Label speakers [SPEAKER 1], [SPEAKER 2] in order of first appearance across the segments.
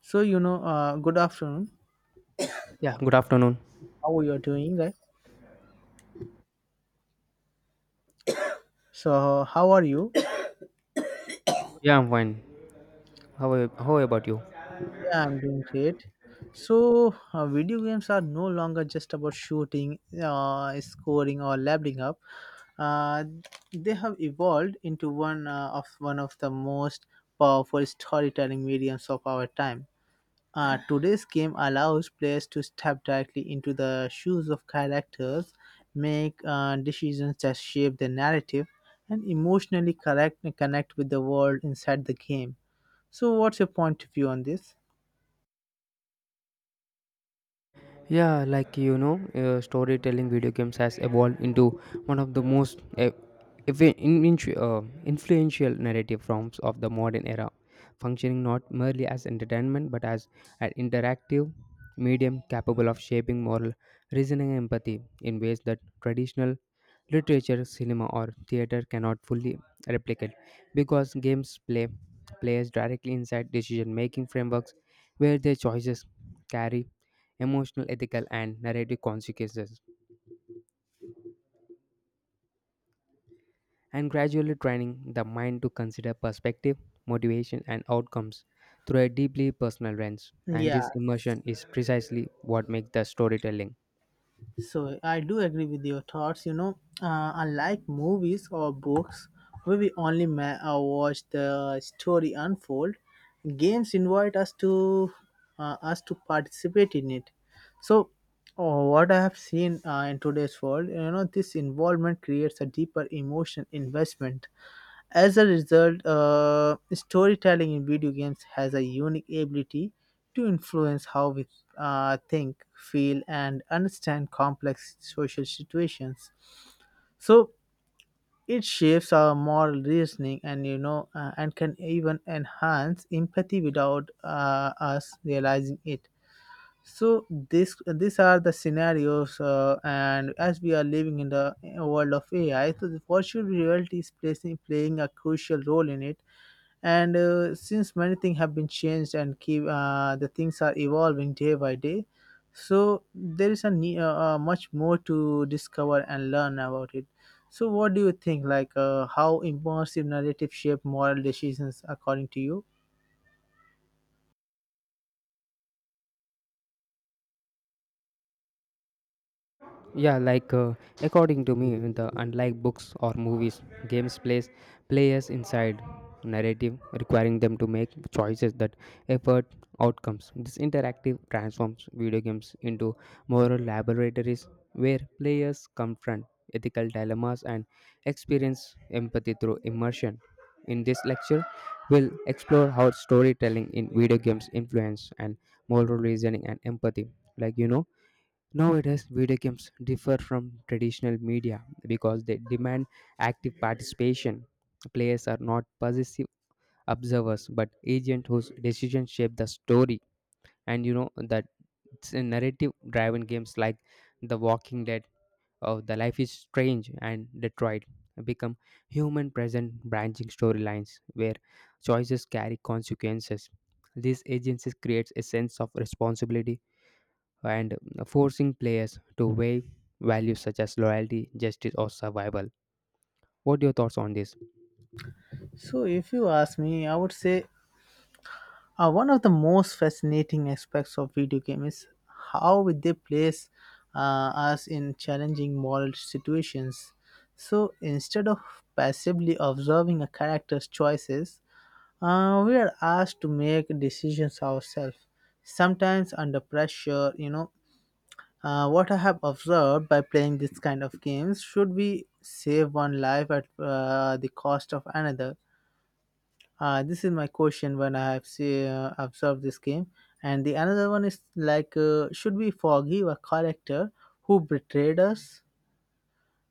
[SPEAKER 1] Good afternoon.
[SPEAKER 2] Yeah, good afternoon.
[SPEAKER 1] How are you doing, right? So how are you?
[SPEAKER 2] Yeah, I'm fine. How about you?
[SPEAKER 1] Yeah, I'm doing great. Video games are no longer just about shooting, scoring, or leveling up. Uh, they have evolved into one of the most powerful storytelling mediums of our time. Today's game allows players to step directly into the shoes of characters, make decisions that shape the narrative, and connect with the world inside the game. So, what's your point of view on this?
[SPEAKER 2] Yeah, storytelling video games has evolved into one of the most influential narrative forms of the modern era, functioning not merely as entertainment but as an interactive medium capable of shaping moral reasoning and empathy in ways that traditional literature, cinema, or theater cannot fully replicate, because games play players directly inside decision-making frameworks where their choices carry emotional, ethical, and narrative consequences, and gradually training the mind to consider perspective, motivation, and outcomes through a deeply personal lens. And this
[SPEAKER 1] Yeah,
[SPEAKER 2] immersion is precisely what makes the storytelling.
[SPEAKER 1] so I do agree with your thoughts. Unlike movies or books, where we only watch the story unfold, games invite us to participate in it. So, what I have seen in today's world, you know, this involvement creates a deeper emotion investment. As a result, storytelling in video games has a unique ability to influence how we think, feel, and understand complex social situations. So it shapes our moral reasoning, and and can even enhance empathy without us realizing it. So this these are the scenarios, and as we are living in the world of AI, so the virtual reality is playing a crucial role in it, and since many things have been changed and keep the things are evolving day by day, so there is much more to discover and learn about it. So what do you think, like, how immersive narrative shape moral decisions according to you?
[SPEAKER 2] yeah like uh, According to me, the unlike books or movies, games plays players inside narrative requiring them to make choices that effort outcomes. This interactive transforms video games into moral laboratories where players confront ethical dilemmas and experience empathy through immersion. In this lecture, we'll explore how storytelling in video games influence and moral reasoning and empathy. like you know Nowadays, video games differ from traditional media because they demand active participation. Players are not passive observers but agents whose decisions shape the story. And you know that it's a narrative driven games like The Walking Dead or The Life is Strange and Detroit become human present branching storylines where choices carry consequences. These agencies creates a sense of responsibility and forcing players to weigh values such as loyalty, justice, or survival. What are your thoughts on this?
[SPEAKER 1] So if you ask me, I would say, one of the most fascinating aspects of video game is how they place us in challenging moral situations. So instead of passively observing a character's choices, we are asked to make decisions ourselves, sometimes under pressure. What I have observed by playing this kind of games, should we save one life at the cost of another? This is my question when I have observed this game. And the another one is like, should we forgive a character who betrayed us?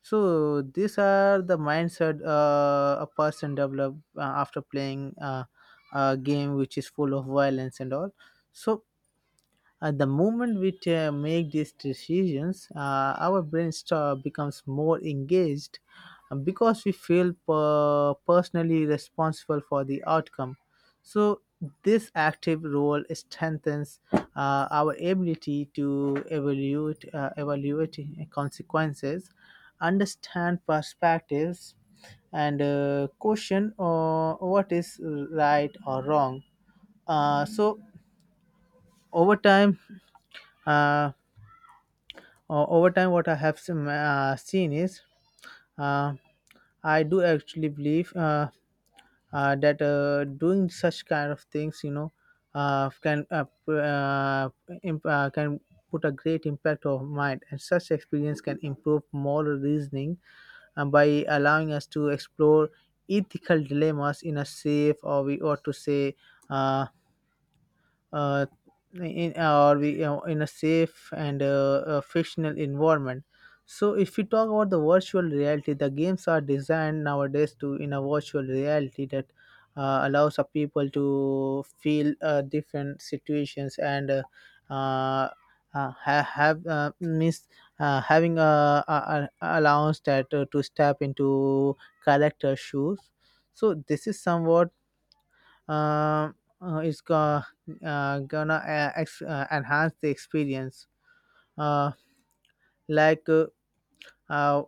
[SPEAKER 1] So these are the mindset a person develop after playing a game which is full of violence and all. So at the moment we make these decisions, our brain becomes more engaged because we feel personally responsible for the outcome. So, this active role strengthens our ability to evaluate consequences, understand perspectives, and question what is right or wrong. Uh, so, over time, uh, over time, what I have seen is, uh, I do actually believe that doing such kind of things, you know, uh, can uh, p- uh, can put a great impact on mind, and such experience can improve moral reasoning, by allowing us to explore ethical dilemmas in a safe, or we ought to say, uh, uh, or we, you know, in a safe and fictional environment. So, if we talk about the virtual reality, the games are designed nowadays to in a virtual reality that allows a people to feel different situations and uh, have, means having a allowance that to step into character shoes. So this is somewhat, um, uh, it's go- gonna enhance the experience. Uh, like uh, uh,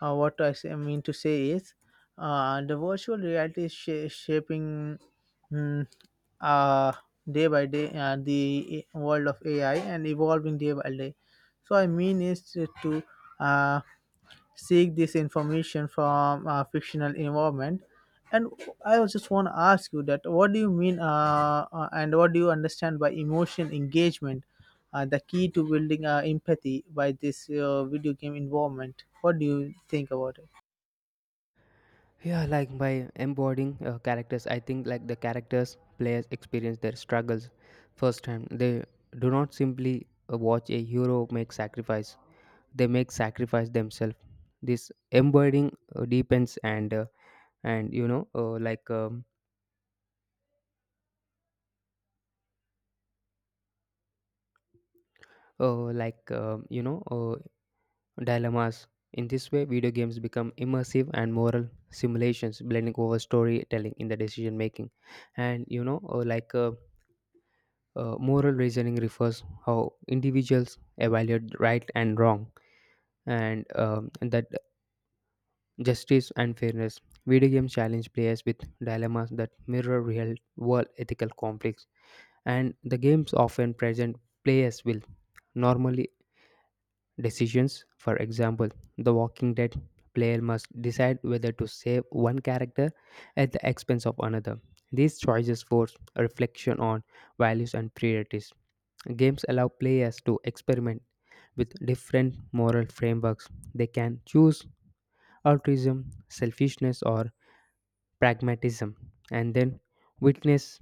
[SPEAKER 1] what I mean to say is, the virtual reality is shaping, mm, uh, day by day, world of AI, and evolving day by day. So I mean is to to, uh, seek this information from a fictional environment. And I was just want to ask you, that what do you mean, and what do you understand by emotion engagement, the key to building empathy by this video game involvement? What do you think about it?
[SPEAKER 2] Yeah, like by embodying characters, I think like the characters players experience their struggles firsthand. They do not simply watch a hero make sacrifice; they make sacrifice themselves. This embodying deepens and you know like you know dilemmas. In this way, video games become immersive and moral simulations, blending over storytelling in the decision making. And you know, like Moral reasoning refers how individuals evaluate right and wrong, and that justice and fairness. Video games challenge players with dilemmas that mirror real world ethical conflicts, and the games often present players with normally decisions. For example, The Walking Dead player must decide whether to save one character at the expense of another. These choices force a reflection on values and priorities. Games allow players to experiment with different moral frameworks. They can choose altruism, selfishness, or pragmatism, and then witness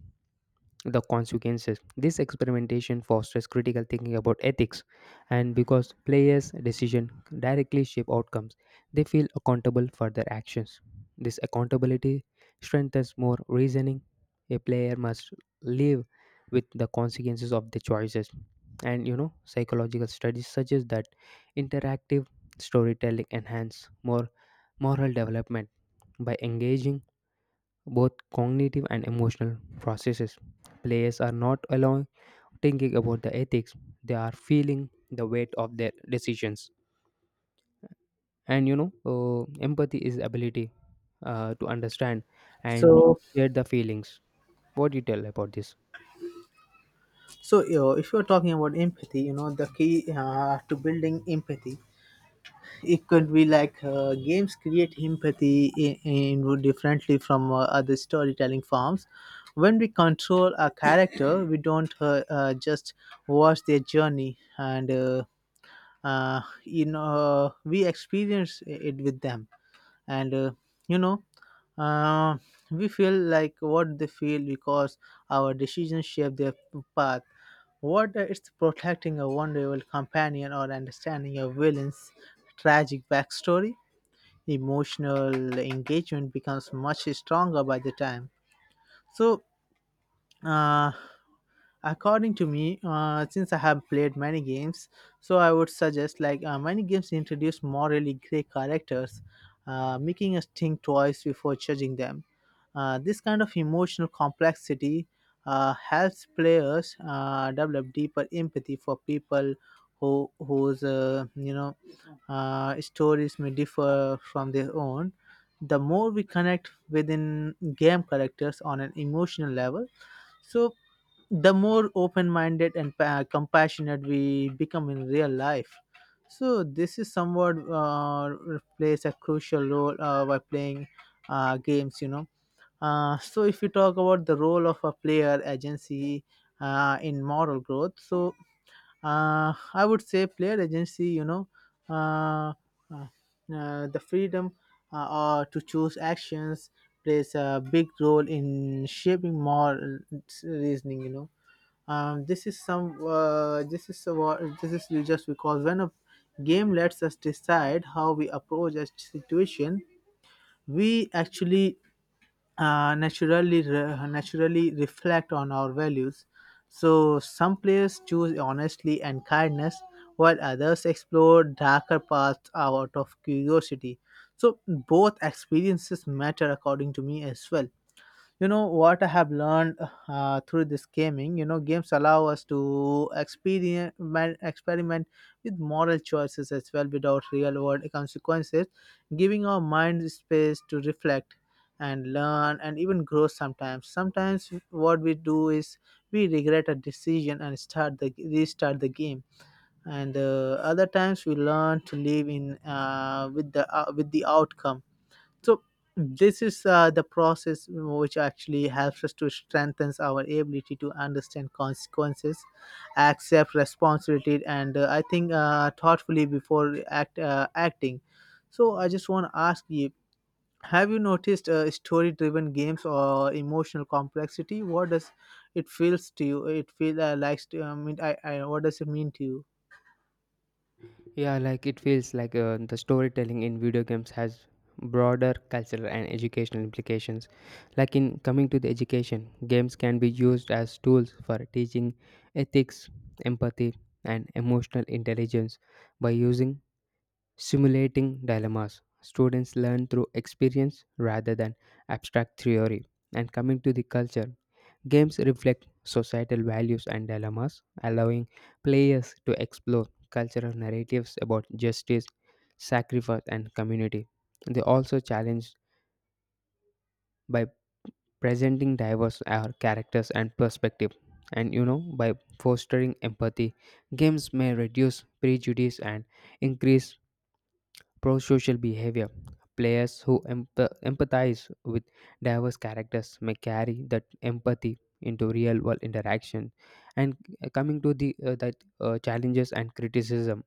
[SPEAKER 2] the consequences. This experimentation fosters critical thinking about ethics, and because players' decisions directly shape outcomes, they feel accountable for their actions. This accountability strengthens more reasoning. A player must live with the consequences of their choices. And you know, psychological studies suggest that interactive storytelling enhance more moral development by engaging both cognitive and emotional processes. Players are not alone thinking about the ethics, they are feeling the weight of their decisions. And you know, empathy is ability to understand and
[SPEAKER 1] so
[SPEAKER 2] share the feelings. What do you tell about this?
[SPEAKER 1] so you, if you're talking about empathy, you know, the key to building empathy, it could be like, games create empathy in differently from other storytelling forms. When we control a character, we don't just watch their journey, and you know, we experience it with them, and you know uh, we feel like what they feel because our decisions shape their path. What it's protecting a vulnerable companion or understanding a villain's tragic backstory, emotional engagement becomes much stronger by the time. So, uh, according to me, since I have played many games, so I would suggest, like, many games introduce morally gray characters, making us think twice before judging them. This kind of emotional complexity helps players develop deeper empathy for people who whose, stories may differ from their own. The more we connect within game characters on an emotional level, so the more open-minded and compassionate we become in real life. So this is somewhat plays a crucial role by playing games, you know. So if you talk about the role of a player agency in moral growth, so I would say player agency, you know, uh, uh, the freedom to choose actions plays a big role in shaping moral reasoning, you know. This is some this is what This is just because when a game lets us decide how we approach a situation, we actually naturally reflect on our values. So some players choose honesty and kindness, while others explore darker paths out of curiosity. So both experiences matter according to me as well. You know, what I have learned through this gaming, you know, games allow us to experiment with moral choices as well without real world consequences, giving our mind space to reflect and learn and even grow. Sometimes what we do is we regret a decision and start the restart the game, and other times we learn to live in with the outcome. So this is the process which actually helps us to strengthen our ability to understand consequences, accept responsibility, and I think thoughtfully before acting. So I just want to ask you, have you noticed story driven games or emotional complexity? What does it feels to you, it feel likes to I mean I what does it mean to you?
[SPEAKER 2] Yeah, like it feels like the storytelling in video games has broader cultural and educational implications. Like in coming to the education, games can be used as tools for teaching ethics, empathy, and emotional intelligence by using simulating dilemmas. Students learn through experience rather than abstract theory. And coming to the culture, games reflect societal values and dilemmas, allowing players to explore cultural narratives about justice, sacrifice, and community. They also challenge by presenting diverse characters and perspective. And you know, by fostering empathy, games may reduce prejudice and increase pro social behavior. Players who empathize with diverse characters may carry that empathy into real world interaction. And coming to the that challenges and criticism,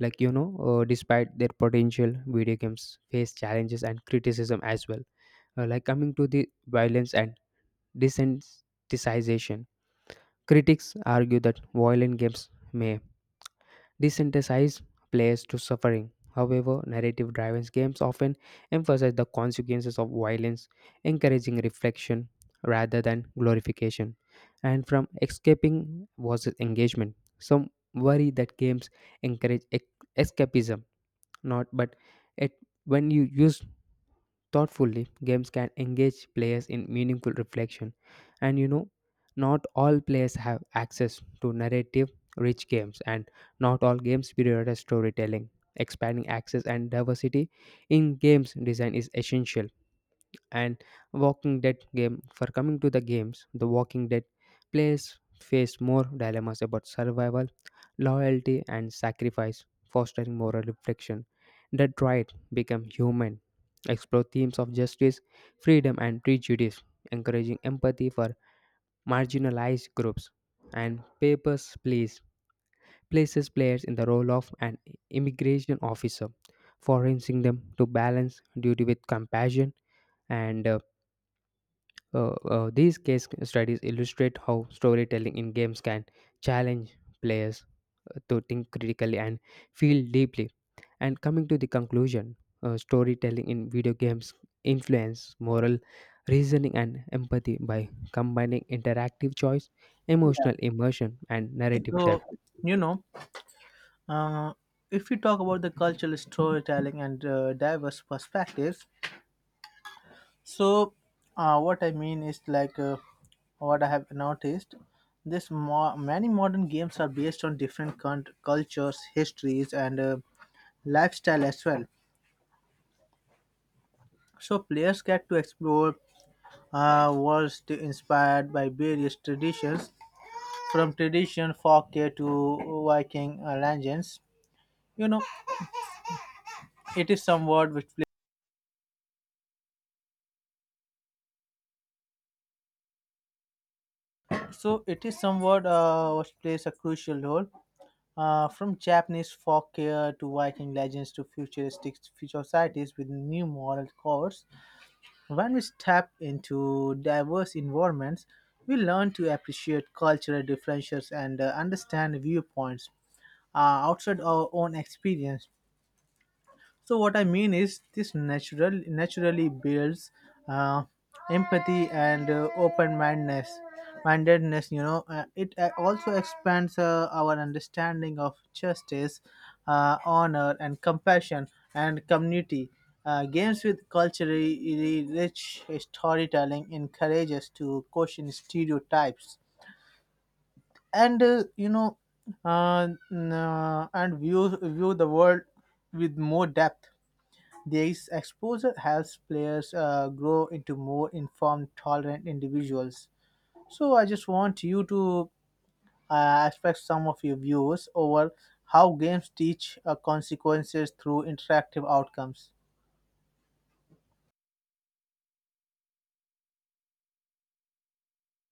[SPEAKER 2] despite their potential, video games face challenges and criticism as well. Like coming to the violence and desensitization, critics argue that violent games may desensitize players to suffering. However, narrative driven games often emphasize the consequences of violence, encouraging reflection rather than glorification. And from escaping versus engagement, some worry that games encourage escapism, not but it when you use thoughtfully, games can engage players in meaningful reflection, and you know, not all players have access to narrative rich games, and not all games prioritize storytelling. Expanding access and diversity in games design is essential and Walking Dead game. For coming to the games, The Walking Dead players face more dilemmas about survival, loyalty, and sacrifice, fostering moral reflection. That right become human. Explore themes of justice, freedom, and prejudice, encouraging empathy for marginalized groups. And Papers, Please places players in the role of an immigration officer, forcing them to balance duty with compassion and these case studies illustrate how storytelling in games can challenge players to think critically and feel deeply. And coming to the conclusion, storytelling in video games influence moral reasoning and empathy by combining interactive choice, emotional immersion, and narrative
[SPEAKER 1] So
[SPEAKER 2] depth.
[SPEAKER 1] you know Uh, if we talk about the cultural storytelling and diverse perspectives, so what I mean is like, what I have noticed. Many modern games are based on different cultures, histories, and lifestyle as well. So players get to explore worlds inspired by various traditions, from tradition folklore to Viking legends. You know, it is somewhat which so it is somewhat what plays a crucial role, from Japanese folklore to Viking legends to futuristic future societies with new moral codes. When we step into diverse environments, we learn to appreciate cultural differences and understand viewpoints uh, outside our own experience. So what I mean is this naturally builds uh, empathy and open mindedness, you know. It also expands our understanding of justice, honor and compassion and community. Games with culturally rich storytelling encourage us to question stereotypes and, view the world with more depth. This exposure helps players grow into more informed, tolerant individuals. So I just want you to express some of your views over how games teach consequences through interactive outcomes.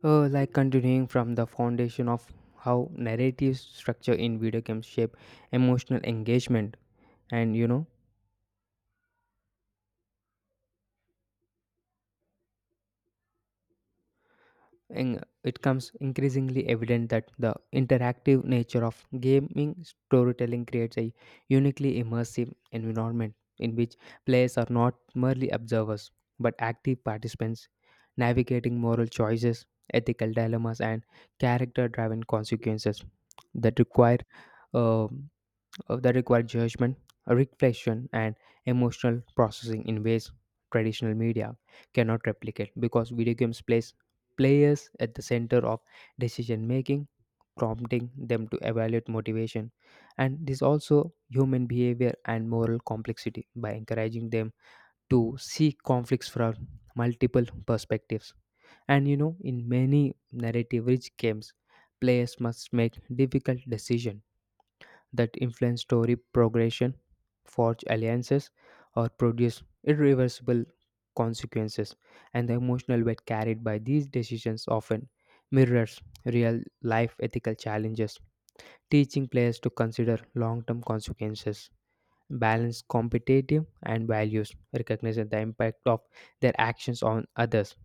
[SPEAKER 2] Like continuing from the foundation of how narrative structure in video games shape emotional engagement and you know it comes increasingly evident that the interactive nature of gaming storytelling creates a uniquely immersive environment in which players are not merely observers but active participants navigating moral choices, ethical dilemmas, and character driven consequences that require uh, judgment, reflection, and emotional processing in ways traditional media cannot replicate because video games place players at the center of decision making, prompting them to evaluate motivation and this also human behavior and moral complexity by encouraging them to see conflicts from multiple perspectives. And you know, in many narrative rich games, players must make difficult decisions that influence story progression, forge alliances, or produce irreversible consequences. And the emotional weight carried by these decisions often mirrors real life ethical challenges, teaching players to consider long term consequences, balance competitive and values, recognizing the impact of their actions on others.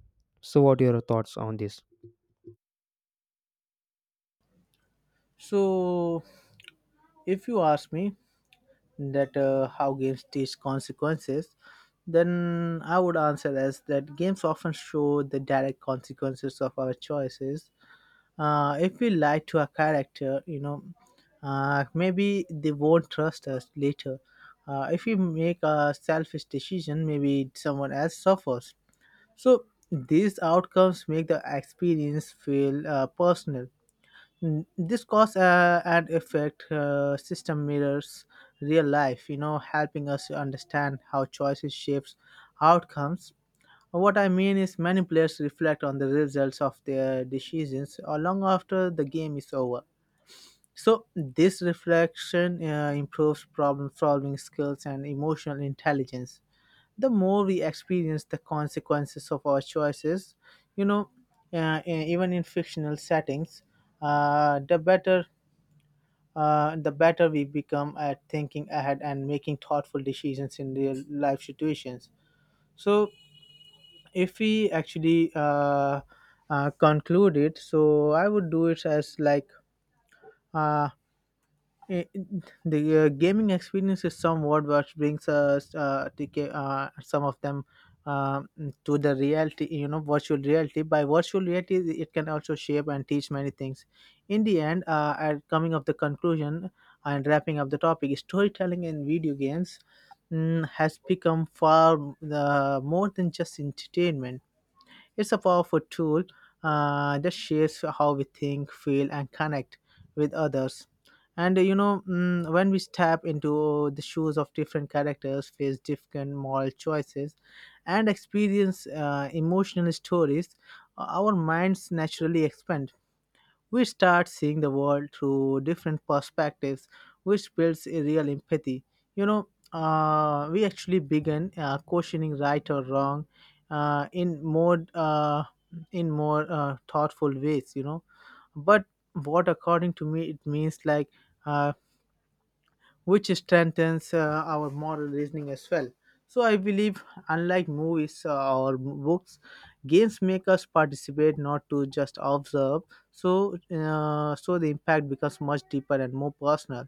[SPEAKER 2] So, what are your thoughts on this?
[SPEAKER 1] So if you ask me that how games teach consequences, then I would answer as that games often show the direct consequences of our choices. If we lie to a character, you know, maybe they won't trust us later. If we make a selfish decision, maybe someone else suffers. So these outcomes make the experience feel personal. This cause and effect system mirrors real life, you know, helping us to understand how choices shapes outcomes. What I mean is, many players reflect on the results of their decisions long after the game is over. So, this reflection improves problem solving skills and emotional intelligence. The more we experience the consequences of our choices, you know, even in fictional settings, the better. The better we become at thinking ahead and making thoughtful decisions in real life situations. So, if we actually conclude it, so I would do it as like uh, i- the gaming experience is somewhat what brings us to some of them, um, to the reality, you know, virtual reality. By virtual reality, it can also shape and teach many things. In the end, at coming of the conclusion and wrapping up the topic, storytelling in video games, has become far more than just entertainment. It's a powerful tool that shapes how we think, feel, and connect with others. And when we step into the shoes of different characters, face different moral choices, and experience emotional stories, our minds naturally expand. We start seeing the world through different perspectives, which builds a real empathy. We actually begin questioning right or wrong uh, in more uh, in more thoughtful ways. You know, but what according to me it means like, uh, which strengthens our moral reasoning as well. So I believe, unlike movies or books, games make us participate, not to just observe. So, the impact becomes much deeper and more personal.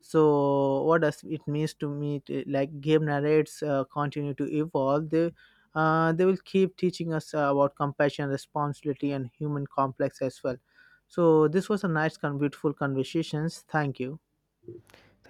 [SPEAKER 1] So, what does it means to me? To, like, game narrates continue to evolve. They will keep teaching us about compassion, responsibility, and human complex as well. So, this was a nice, beautiful conversations. Thank you.